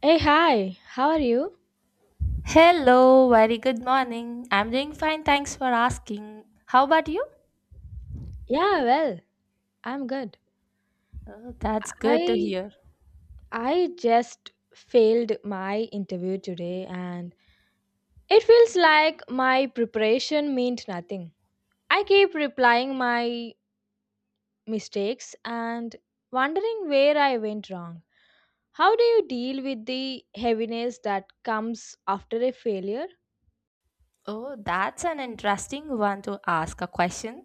Hey, hi. How are you? Hello, very good morning. I'm doing fine, thanks for asking. How about you? Yeah, well, I'm good. Oh, that's good to I hear. I just failed my interview today, and it feels like my preparation meant nothing. I keep replying my mistakes and wondering where I went wrong. How do you deal with the heaviness that comes after a failure? Oh, that's an interesting one to ask a question.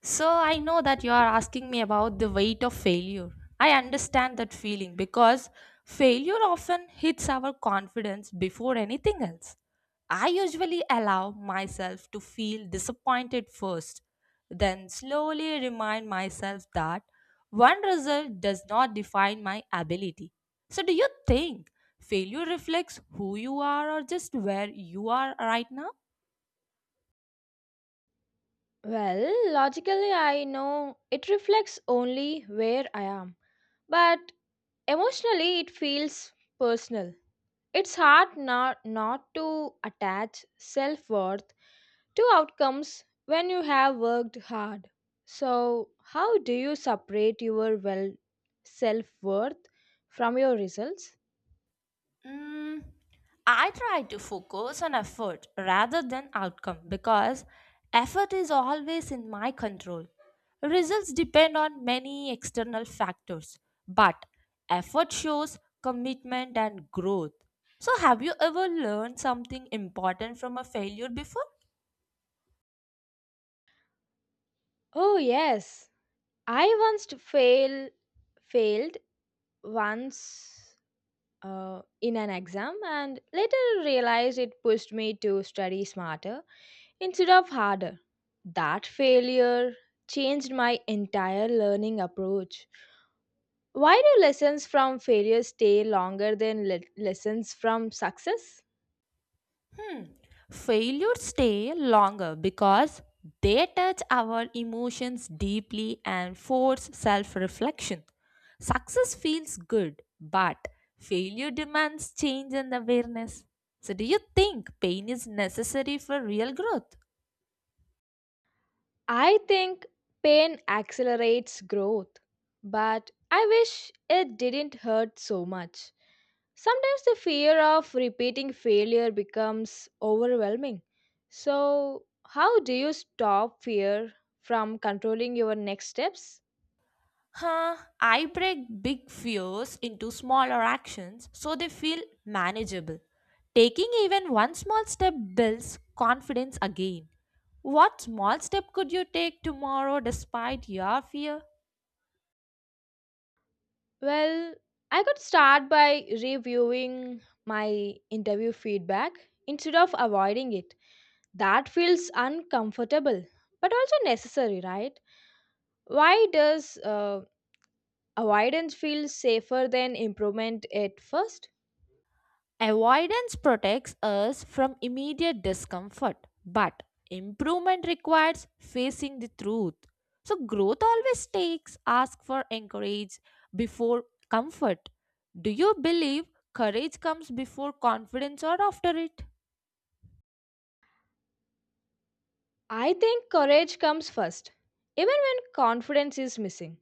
So, I know that you are asking me about the weight of failure. I understand that feeling because failure often hits our confidence before anything else. I usually allow myself to feel disappointed first, then slowly remind myself that one result does not define my ability. So, do you think failure reflects who you are or just where you are right now? Well, logically I know it reflects only where I am. But emotionally, it feels personal. It's hard not to attach self worth to outcomes when you have worked hard. So, how do you separate your well self worth from your results? Mm, I try to focus on effort rather than outcome because effort is always in my control. Results depend on many external factors, but effort shows commitment and growth. So, have you ever learned something important from a failure before? Oh yes, I once fail failed once in an exam and later realized it pushed me to study smarter instead of harder. That failure changed my entire learning approach. Why do lessons from failure stay longer than lessons from success? Hmm. Failures stay longer because they touch our emotions deeply and force self reflection. Success feels good, but failure demands change and awareness. So, do you think pain is necessary for real growth? I think pain accelerates growth, but I wish it didn't hurt so much. Sometimes the fear of repeating failure becomes overwhelming. So, how do you stop fear from controlling your next steps? Huh, I break big fears into smaller actions so they feel manageable. Taking even one small step builds confidence again. What small step could you take tomorrow despite your fear? Well, I could start by reviewing my interview feedback instead of avoiding it. That feels uncomfortable, but also necessary, right? Why does avoidance feel safer than improvement at first? Avoidance protects us from immediate discomfort, but improvement requires facing the truth. So, growth always takes ask for encourage before comfort. Do you believe courage comes before confidence or after it? I think courage comes first, even when confidence is missing.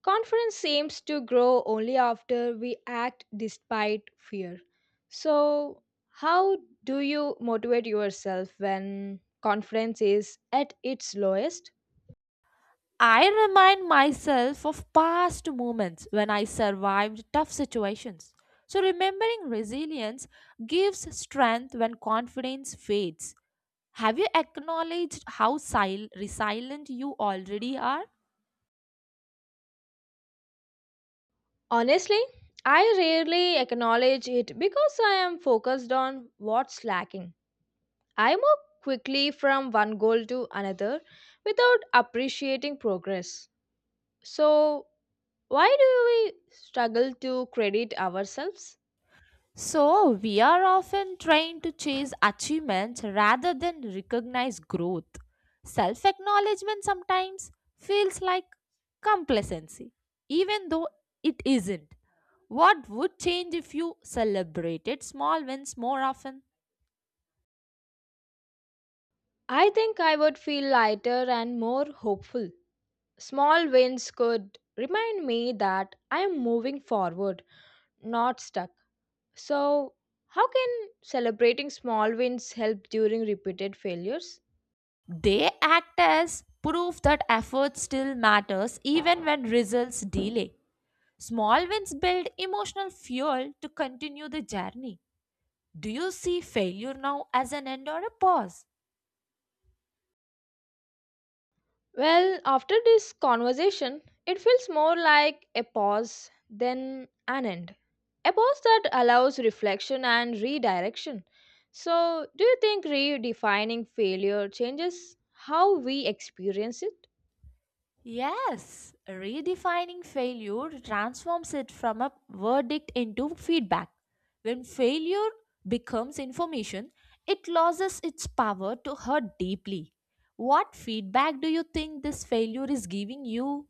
Confidence seems to grow only after we act despite fear. So, how do you motivate yourself when confidence is at its lowest? I remind myself of past moments when I survived tough situations. So, remembering resilience gives strength when confidence fades. Have you acknowledged how resilient you already are? Honestly, I rarely acknowledge it because I am focused on what's lacking. I move quickly from one goal to another without appreciating progress. So, why do we struggle to credit ourselves? So, we are often trying to chase achievement rather than recognize growth. Self acknowledgement sometimes feels like complacency, even though it isn't. What would change if you celebrated small wins more often? I think I would feel lighter and more hopeful. Small wins could remind me that I am moving forward, not stuck. So, how can celebrating small wins help during repeated failures? They act as proof that effort still matters even when results delay. Small wins build emotional fuel to continue the journey. Do you see failure now as an end or a pause? Well, after this conversation, it feels more like a pause than an end. A pause that allows reflection and redirection. So, do you think redefining failure changes how we experience it? Yes, redefining failure transforms it from a verdict into feedback. When failure becomes information, it loses its power to hurt deeply. What feedback do you think this failure is giving you?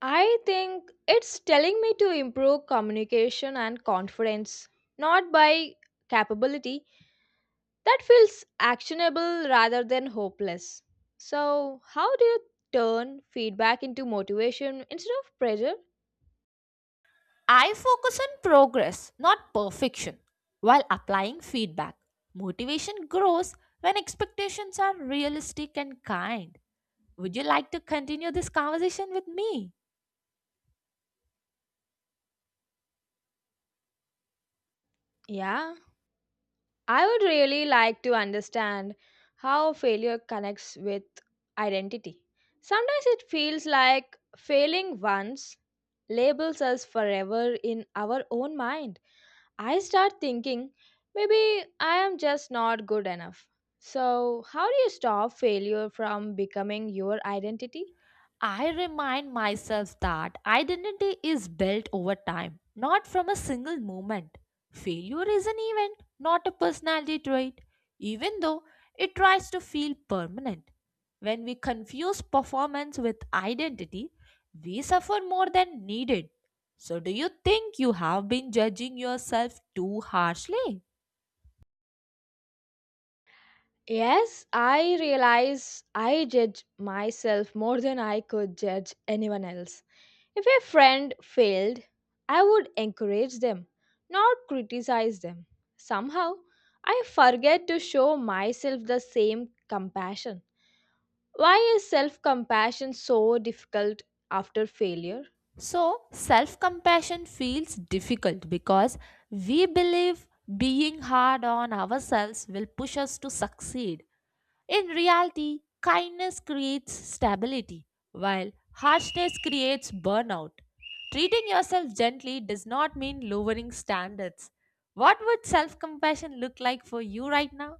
I think it's telling me to improve communication and confidence, not by capability. That feels actionable rather than hopeless. So, how do you turn feedback into motivation instead of pressure? I focus on progress, not perfection, while applying feedback. Motivation grows when expectations are realistic and kind. Would you like to continue this conversation with me? Yeah, I would really like to understand how failure connects with identity. Sometimes it feels like failing once labels us forever in our own mind. I start thinking maybe I am just not good enough. So, how do you stop failure from becoming your identity? I remind myself that identity is built over time, not from a single moment. Failure is an event, not a personality trait, even though it tries to feel permanent. When we confuse performance with identity, we suffer more than needed. So, do you think you have been judging yourself too harshly? Yes, I realize I judge myself more than I could judge anyone else. If a friend failed, I would encourage them, not criticize them. Somehow, I forget to show myself the same compassion. Why is self compassion so difficult after failure? So, self compassion feels difficult because we believe being hard on ourselves will push us to succeed. In reality, kindness creates stability, while harshness creates burnout. Treating yourself gently does not mean lowering standards. What would self compassion look like for you right now?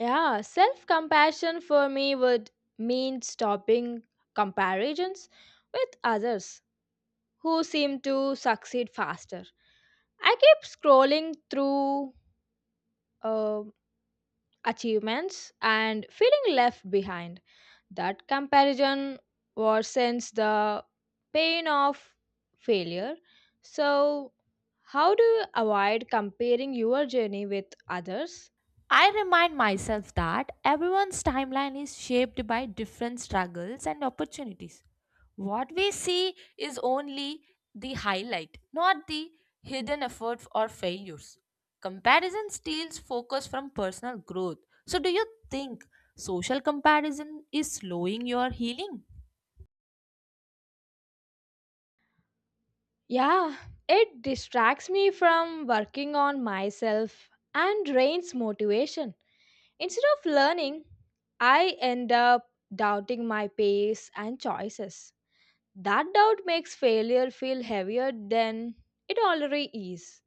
Yeah, self compassion for me would mean stopping comparisons with others who seem to succeed faster. I keep scrolling through uh, achievements and feeling left behind. That comparison worsens the pain of failure. So, how do you avoid comparing your journey with others? I remind myself that everyone's timeline is shaped by different struggles and opportunities. What we see is only the highlight, not the hidden efforts or failures. Comparison steals focus from personal growth. So, do you think social comparison is slowing your healing? Yeah, it distracts me from working on myself and drains motivation. Instead of learning, I end up doubting my pace and choices. That doubt makes failure feel heavier than it already is.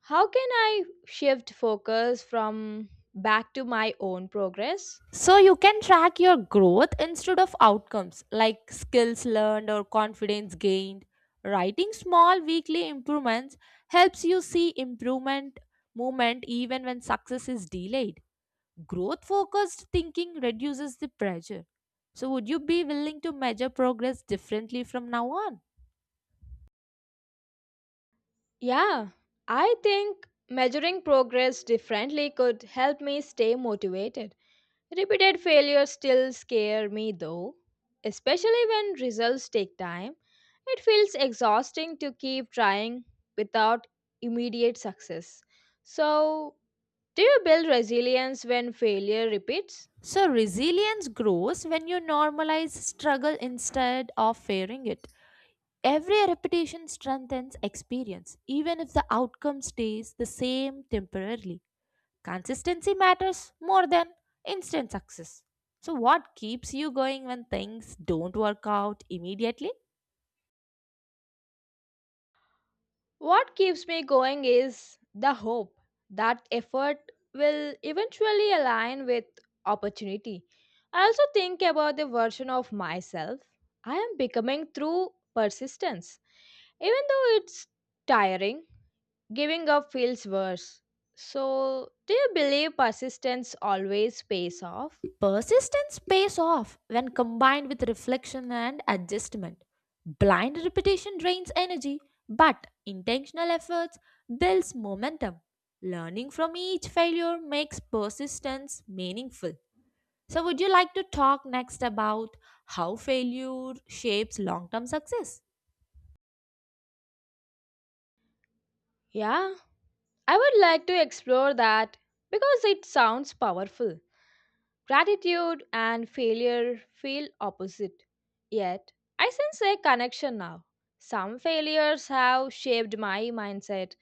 How can I shift focus from back to my own progress? So, you can track your growth instead of outcomes like skills learned or confidence gained. Writing small weekly improvements helps you see improvement movement even when success is delayed. Growth focused thinking reduces the pressure. So, would you be willing to measure progress differently from now on? Yeah, I think measuring progress differently could help me stay motivated. Repeated failures still scare me though, especially when results take time. It feels exhausting to keep trying without immediate success. So, do you build resilience when failure repeats? So, resilience grows when you normalize struggle instead of fearing it. Every repetition strengthens experience, even if the outcome stays the same temporarily. Consistency matters more than instant success. So, what keeps you going when things don't work out immediately? What keeps me going is the hope that effort will eventually align with opportunity. I also think about the version of myself I am becoming through persistence. Even though it's tiring, giving up feels worse. So, do you believe persistence always pays off? Persistence pays off when combined with reflection and adjustment. Blind repetition drains energy, but intentional efforts builds momentum. Learning from each failure makes persistence meaningful. So would you like to talk next about how failure shapes long-term success? Yeah, I would like to explore that because it sounds powerful. Gratitude and failure feel opposite. Yet, I sense a connection now. Some failures have shaped my mindset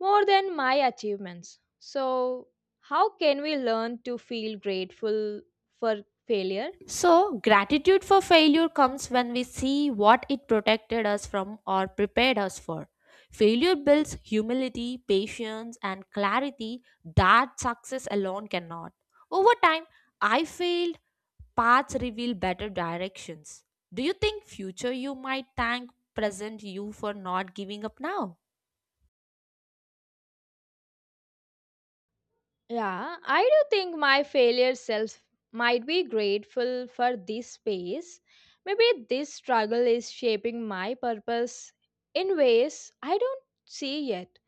more than my achievements. So, how can we learn to feel grateful for failure? So, gratitude for failure comes when we see what it protected us from or prepared us for. Failure builds humility, patience, and clarity that success alone cannot. Over time, I failed, paths reveal better directions. Do you think future you might thank present you for not giving up now? Yeah, I do think my failure self might be grateful for this space. Maybe this struggle is shaping my purpose in ways I don't see yet.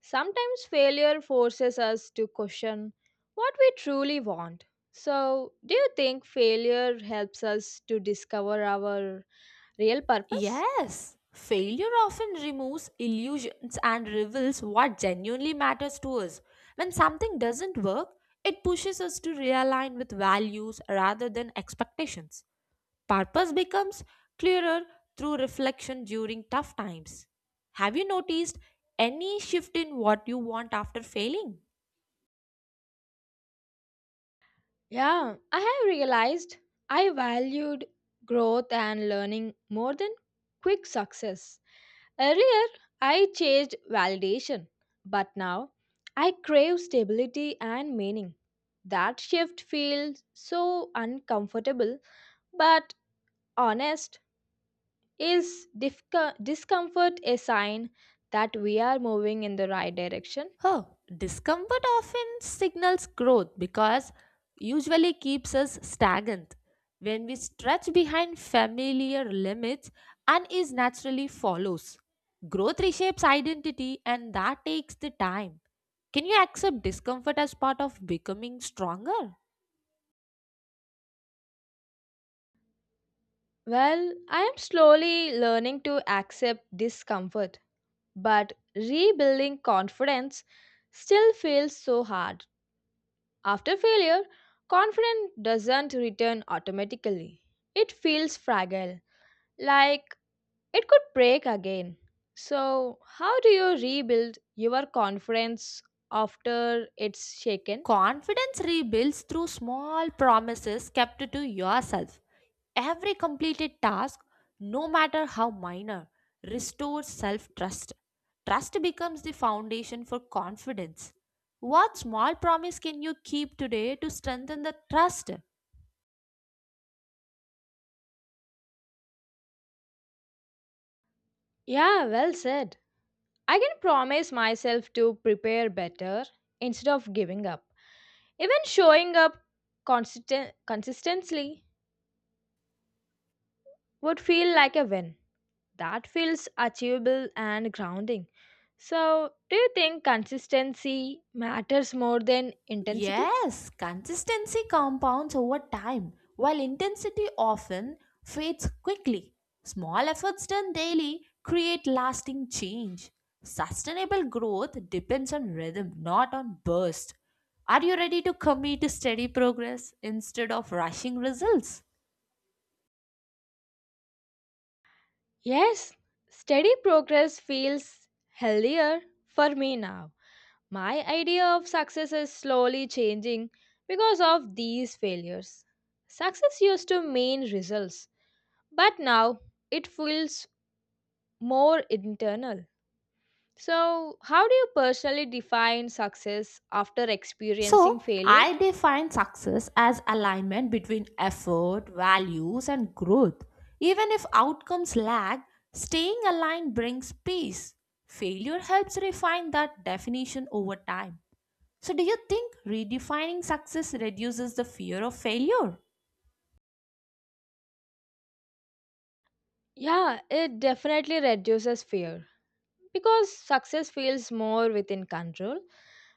Sometimes failure forces us to question what we truly want. So, do you think failure helps us to discover our real purpose? Yes, failure often removes illusions and reveals what genuinely matters to us. When something doesn't work, it pushes us to realign with values rather than expectations. Purpose becomes clearer through reflection during tough times. Have you noticed any shift in what you want after failing? Yeah, I have realized I valued growth and learning more than quick success. Earlier, I chased validation, but now I crave stability and meaning. That shift feels so uncomfortable but honest. Is discomfort a sign that we are moving in the right direction? Oh, discomfort often signals growth because usually keeps us stagnant when we stretch behind familiar limits and naturally follows. Growth reshapes identity and that takes the time. Can you accept discomfort as part of becoming stronger? Well, I am slowly learning to accept discomfort, but rebuilding confidence still feels so hard. After failure, confidence doesn't return automatically, it feels fragile, like it could break again. So, how do you rebuild your confidence after it's shaken? Confidence rebuilds through small promises kept to yourself. Every completed task, no matter how minor, restores self trust. Trust becomes the foundation for confidence. What small promise can you keep today to strengthen the trust? Yeah, well said. I can promise myself to prepare better instead of giving up. Even showing up consistently would feel like a win. That feels achievable and grounding. So, do you think consistency matters more than intensity? Yes, consistency compounds over time, while intensity often fades quickly. Small efforts done daily create lasting change. Sustainable growth depends on rhythm, not on burst. Are you ready to commit to steady progress instead of rushing results? Yes, steady progress feels healthier for me now. My idea of success is slowly changing because of these failures. Success used to mean results, but now it feels more internal. So, how do you personally define success after experiencing So, failure? I define success as alignment between effort, values, and growth. Even if outcomes lag, staying aligned brings peace. Failure helps refine that definition over time. So, do you think redefining success reduces the fear of failure? Yeah, it definitely reduces fear because success feels more within control.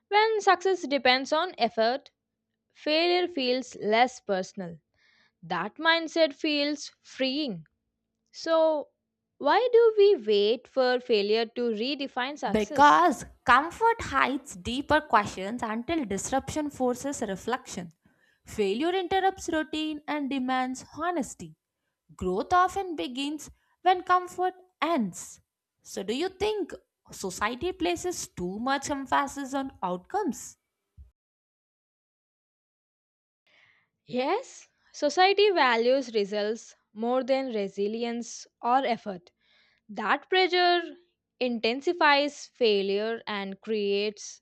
When success depends on effort, failure feels less personal. That mindset feels freeing. So, why do we wait for failure to redefine success? Because comfort hides deeper questions until disruption forces reflection. Failure interrupts routine and demands honesty. Growth often begins when comfort ends. So, do you think society places too much emphasis on outcomes? Yes, society values results more than resilience or effort. That pressure intensifies failure and creates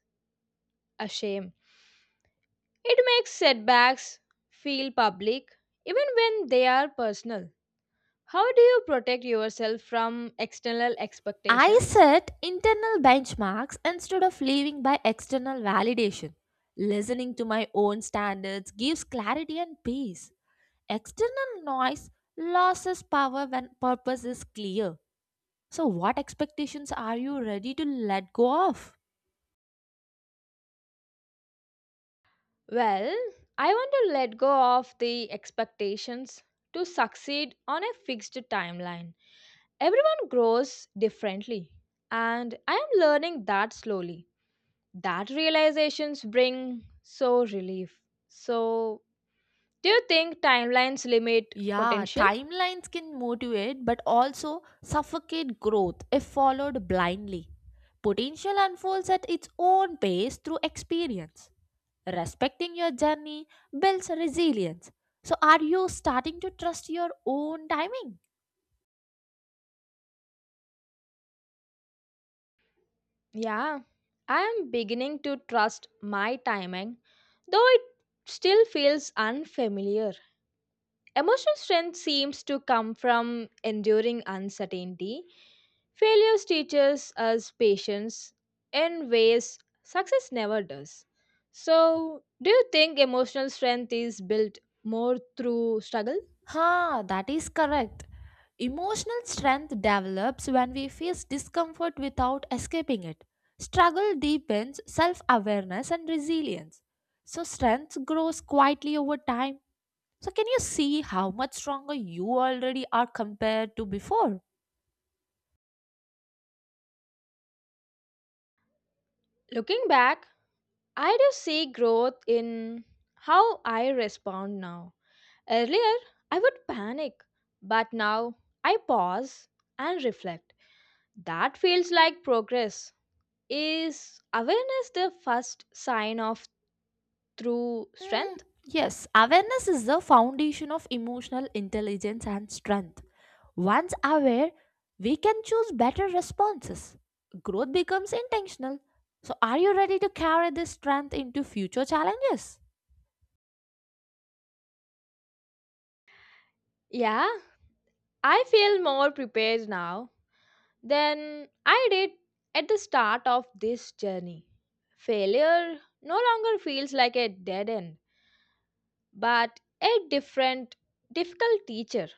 a shame. It makes setbacks feel public even when they are personal. How do you protect yourself from external I expectations? set internal benchmarks instead of living by external validation. Listening to my own standards gives clarity and peace. External noise loses power when purpose is clear. So, what expectations are you ready to let go of? Well, I want to let go of the expectations to succeed on a fixed timeline. Everyone grows differently, and I am learning that slowly. That realizations bring so relief. So, do you think timelines limit Yeah, potential? timelines can motivate but also suffocate growth if followed blindly. Potential unfolds at its own pace through experience. Respecting your journey builds resilience. So, are you starting to trust your own timing? Yeah, I am beginning to trust my timing, though it still feels unfamiliar. Emotional strength seems to come from enduring uncertainty. Failures teaches us patience in ways success never does. So, do you think emotional strength is built more through struggle? Ha, that is correct. Emotional strength develops when we face discomfort without escaping it. Struggle deepens self awareness and resilience. So, strength grows quietly over time. So can you see how much stronger you already are compared to before? Looking back, I do see growth in how I respond now. Earlier, I would panic, but now I pause and reflect. That feels like progress. Is awareness the first sign of true Hmm, strength? yes, awareness is the foundation of emotional intelligence and strength. Once aware, we can choose better responses. Growth becomes intentional. So are you ready to carry this strength into future challenges? Yeah, I feel more prepared now than I did at the start of this journey. Failure no longer feels like a dead end, but a different, difficult teacher.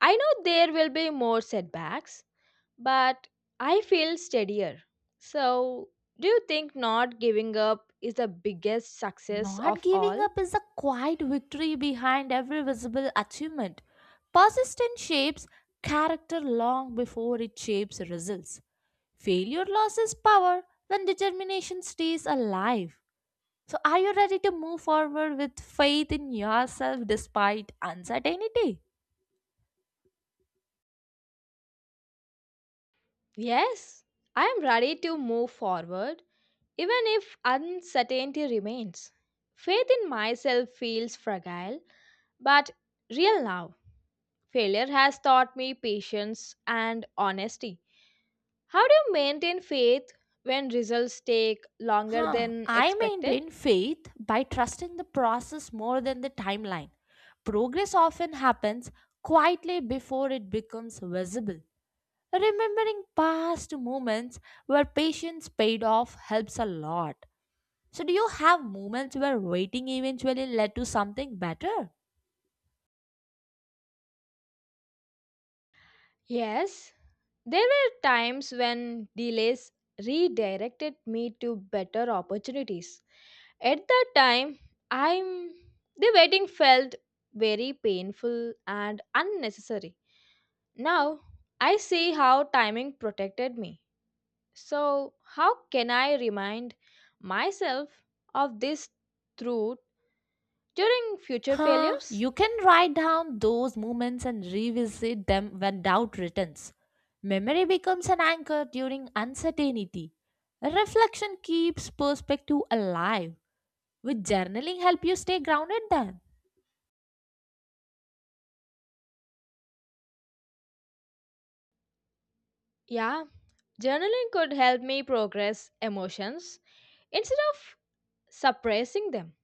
I know there will be more setbacks, but I feel steadier. So, do you think not giving up is the biggest success Not of giving all? up is a quiet victory behind every visible achievement. Persistence shapes character long before it shapes results. Failure loses power when determination stays alive. So, are you ready to move forward with faith in yourself despite uncertainty? Yes, I am ready to move forward, even if uncertainty remains. Faith in myself feels fragile, but real now. Failure has taught me patience and honesty. How do you maintain faith when results take longer than I expected? maintain faith by trusting the process more than the timeline. Progress often happens quietly before it becomes visible. Remembering past moments where patience paid off helps a lot. So, do you have moments where waiting eventually led to something better? Yes, there were times when delays redirected me to better opportunities. At that time, I'm the waiting felt very painful and unnecessary. Now, I see how timing protected me. So, how can I remind myself of this truth during future failures? You can write down those moments and revisit them when doubt returns. Memory becomes an anchor during uncertainty. Reflection keeps perspective alive. With journaling help you stay grounded then. Yeah, journaling could help me progress emotions instead of suppressing them.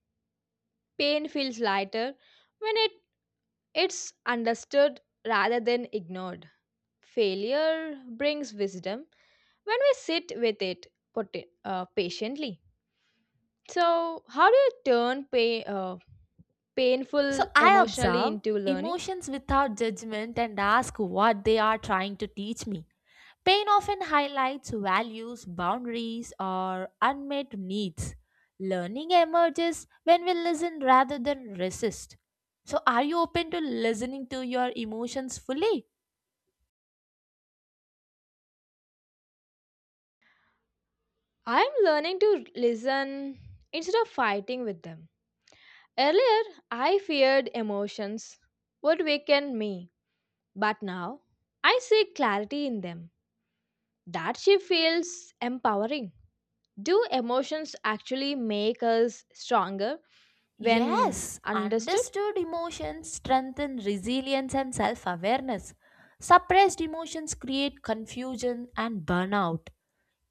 Pain feels lighter when it's understood rather than ignored. Failure brings wisdom when we sit with it patiently. So, how do you turn So painful I emotionally observe into learning? emotions without judgment and ask what they are trying to teach me. Pain often highlights values, boundaries, or unmet needs. Learning emerges when we listen rather than resist. So, are you open to listening to your emotions fully? I am learning to listen instead of fighting with them. Earlier, I feared emotions would weaken me, but now I see clarity in them. That she feels empowering. Do emotions actually make us stronger when Yes, understood? understood emotions strengthen resilience and self awareness. Suppressed emotions create confusion and burnout.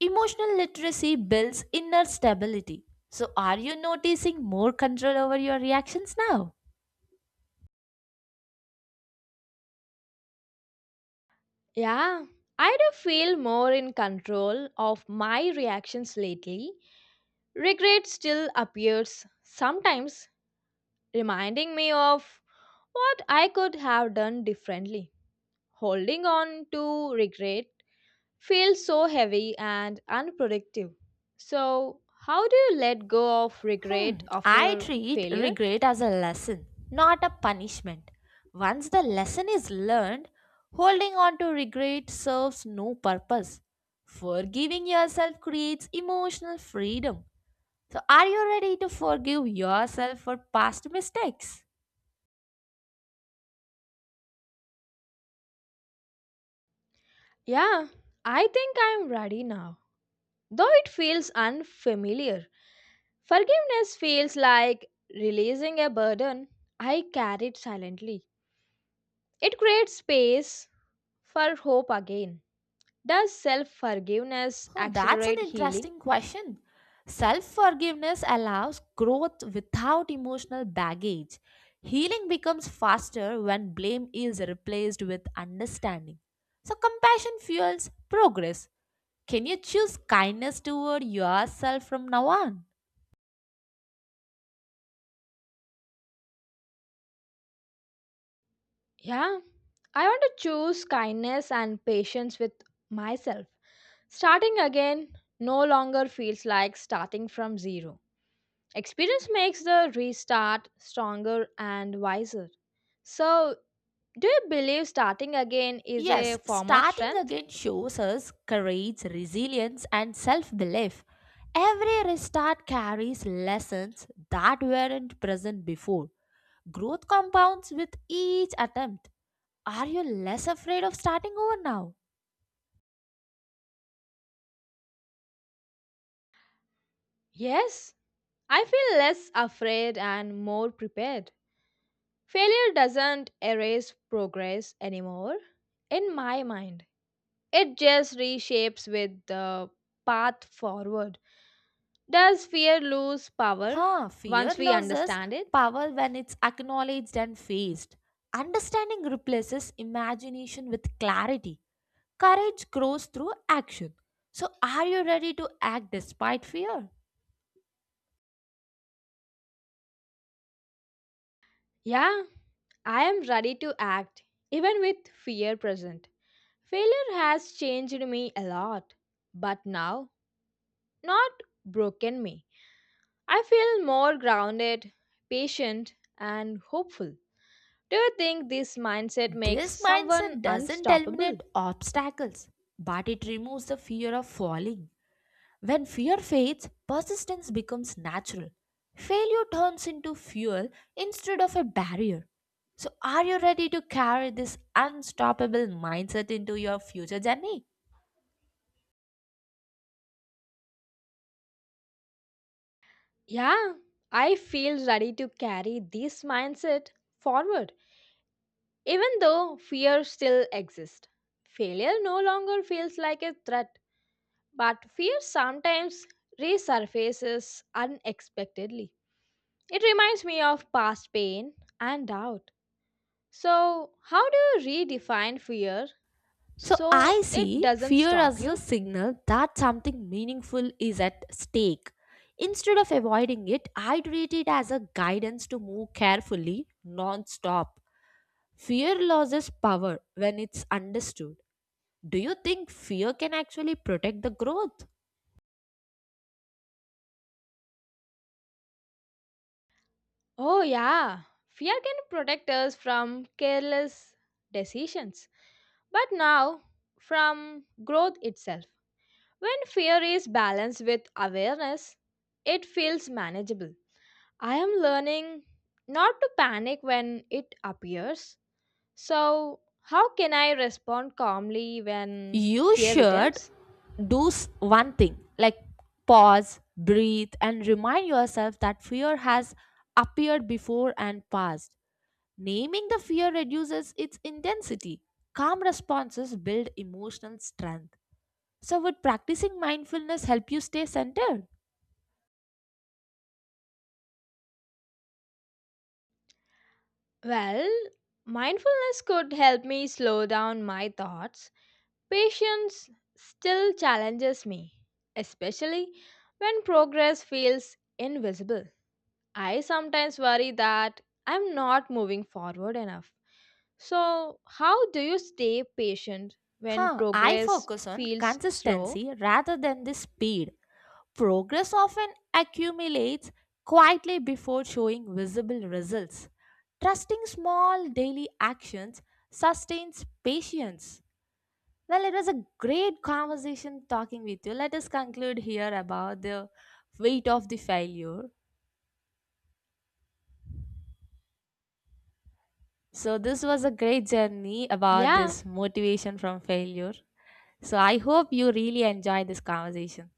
Emotional literacy builds inner stability. So, are you noticing more control over your reactions now? Yeah, I do feel more in control of my reactions lately. Regret still appears sometimes, reminding me of what I could have done differently. Holding on to regret feels so heavy and unproductive. So, how do you let go of regret Hmm, I after treat failure? regret as a lesson, not a punishment. Once the lesson is learned, holding on to regret serves no purpose. Forgiving yourself creates emotional freedom. So, are you ready to forgive yourself for past mistakes? Yeah, I think I'm ready now. Though it feels unfamiliar, forgiveness feels like releasing a burden I carried silently. It creates space for hope again. Does self forgiveness That's an accelerate healing? interesting question. Self forgiveness allows growth without emotional baggage. Healing becomes faster when blame is replaced with understanding. So, compassion fuels progress. Can you choose kindness toward yourself from now on? Yeah, I want to choose kindness and patience with myself. Starting again no longer feels like starting from zero. Experience makes the restart stronger and wiser. So, do you believe starting again is a Yes, form of starting strength? again shows us courage, resilience, and self belief. Every restart carries lessons that weren't present before. Growth compounds with each attempt. Are you less afraid of starting over now? Yes, I feel less afraid and more prepared. Failure doesn't erase progress anymore, in my mind. It just reshapes with the path forward. Does fear lose power Fear once we loses understand it? power when it's acknowledged and faced. Understanding replaces imagination with clarity. Courage grows through action. So, are you ready to act despite fear? Yeah, I am ready to act, even with fear present. Failure has changed me a lot, but now, not broken me. I feel more grounded, patient, and hopeful. Do you think this mindset makes This someone mindset doesn't unstoppable? eliminate obstacles, but it removes the fear of falling. When fear fades, persistence becomes natural. Failure turns into fuel instead of a barrier. So, are you ready to carry this unstoppable mindset into your future journey? Yeah, I feel ready to carry this mindset forward. Even though fear still exists, failure no longer feels like a threat, but fear sometimes resurfaces unexpectedly. It reminds me of past pain and doubt. So, how do you redefine fear So, I so it see doesn't fear stop as a you? signal that something meaningful is at stake. Instead of avoiding it, I treat it as a guidance to move carefully, non stop. Fear loses power when it's understood. Do you think fear can actually protect the growth? Oh, yeah, fear can protect us from careless decisions, but now from growth itself. When fear is balanced with awareness, it feels manageable. I am learning not to panic when it appears. So, how can I respond calmly when You fear should returns? do one thing like pause, breathe, and remind yourself that fear has appeared before and passed. Naming the fear reduces its intensity. Calm responses build emotional strength. So, would practicing mindfulness help you stay centered? Well, mindfulness could help me slow down my thoughts. Patience still challenges me, especially when progress feels invisible. I sometimes worry that I'm not moving forward enough. So, how do you stay patient when I progress focus on feels slow? consistency rather than the speed. Progress often accumulates quietly before showing visible results. Trusting small daily actions sustains patience. Well, it was a great conversation talking with you. Let us conclude here about the weight of the failure. So, this was a great journey about Yeah, this motivation from failure. So, I hope you really enjoyed this conversation.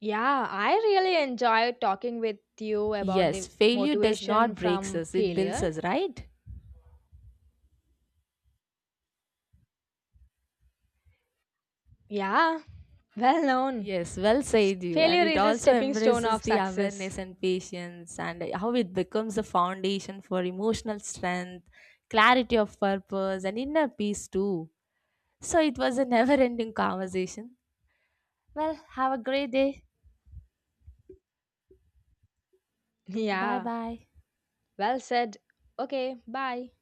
yeah, I really enjoy talking with you about Yes, the failure does not motivation break from us, it builds failure. us, right? Yeah, well known. Yes, well said you. And Failure it is a also stepping stone embraces of the success. awareness and patience and how it becomes the foundation for emotional strength, clarity of purpose, and inner peace too. So it was a never ending conversation. Well, have a great day. Bye Yeah, bye. well said. Okay, bye.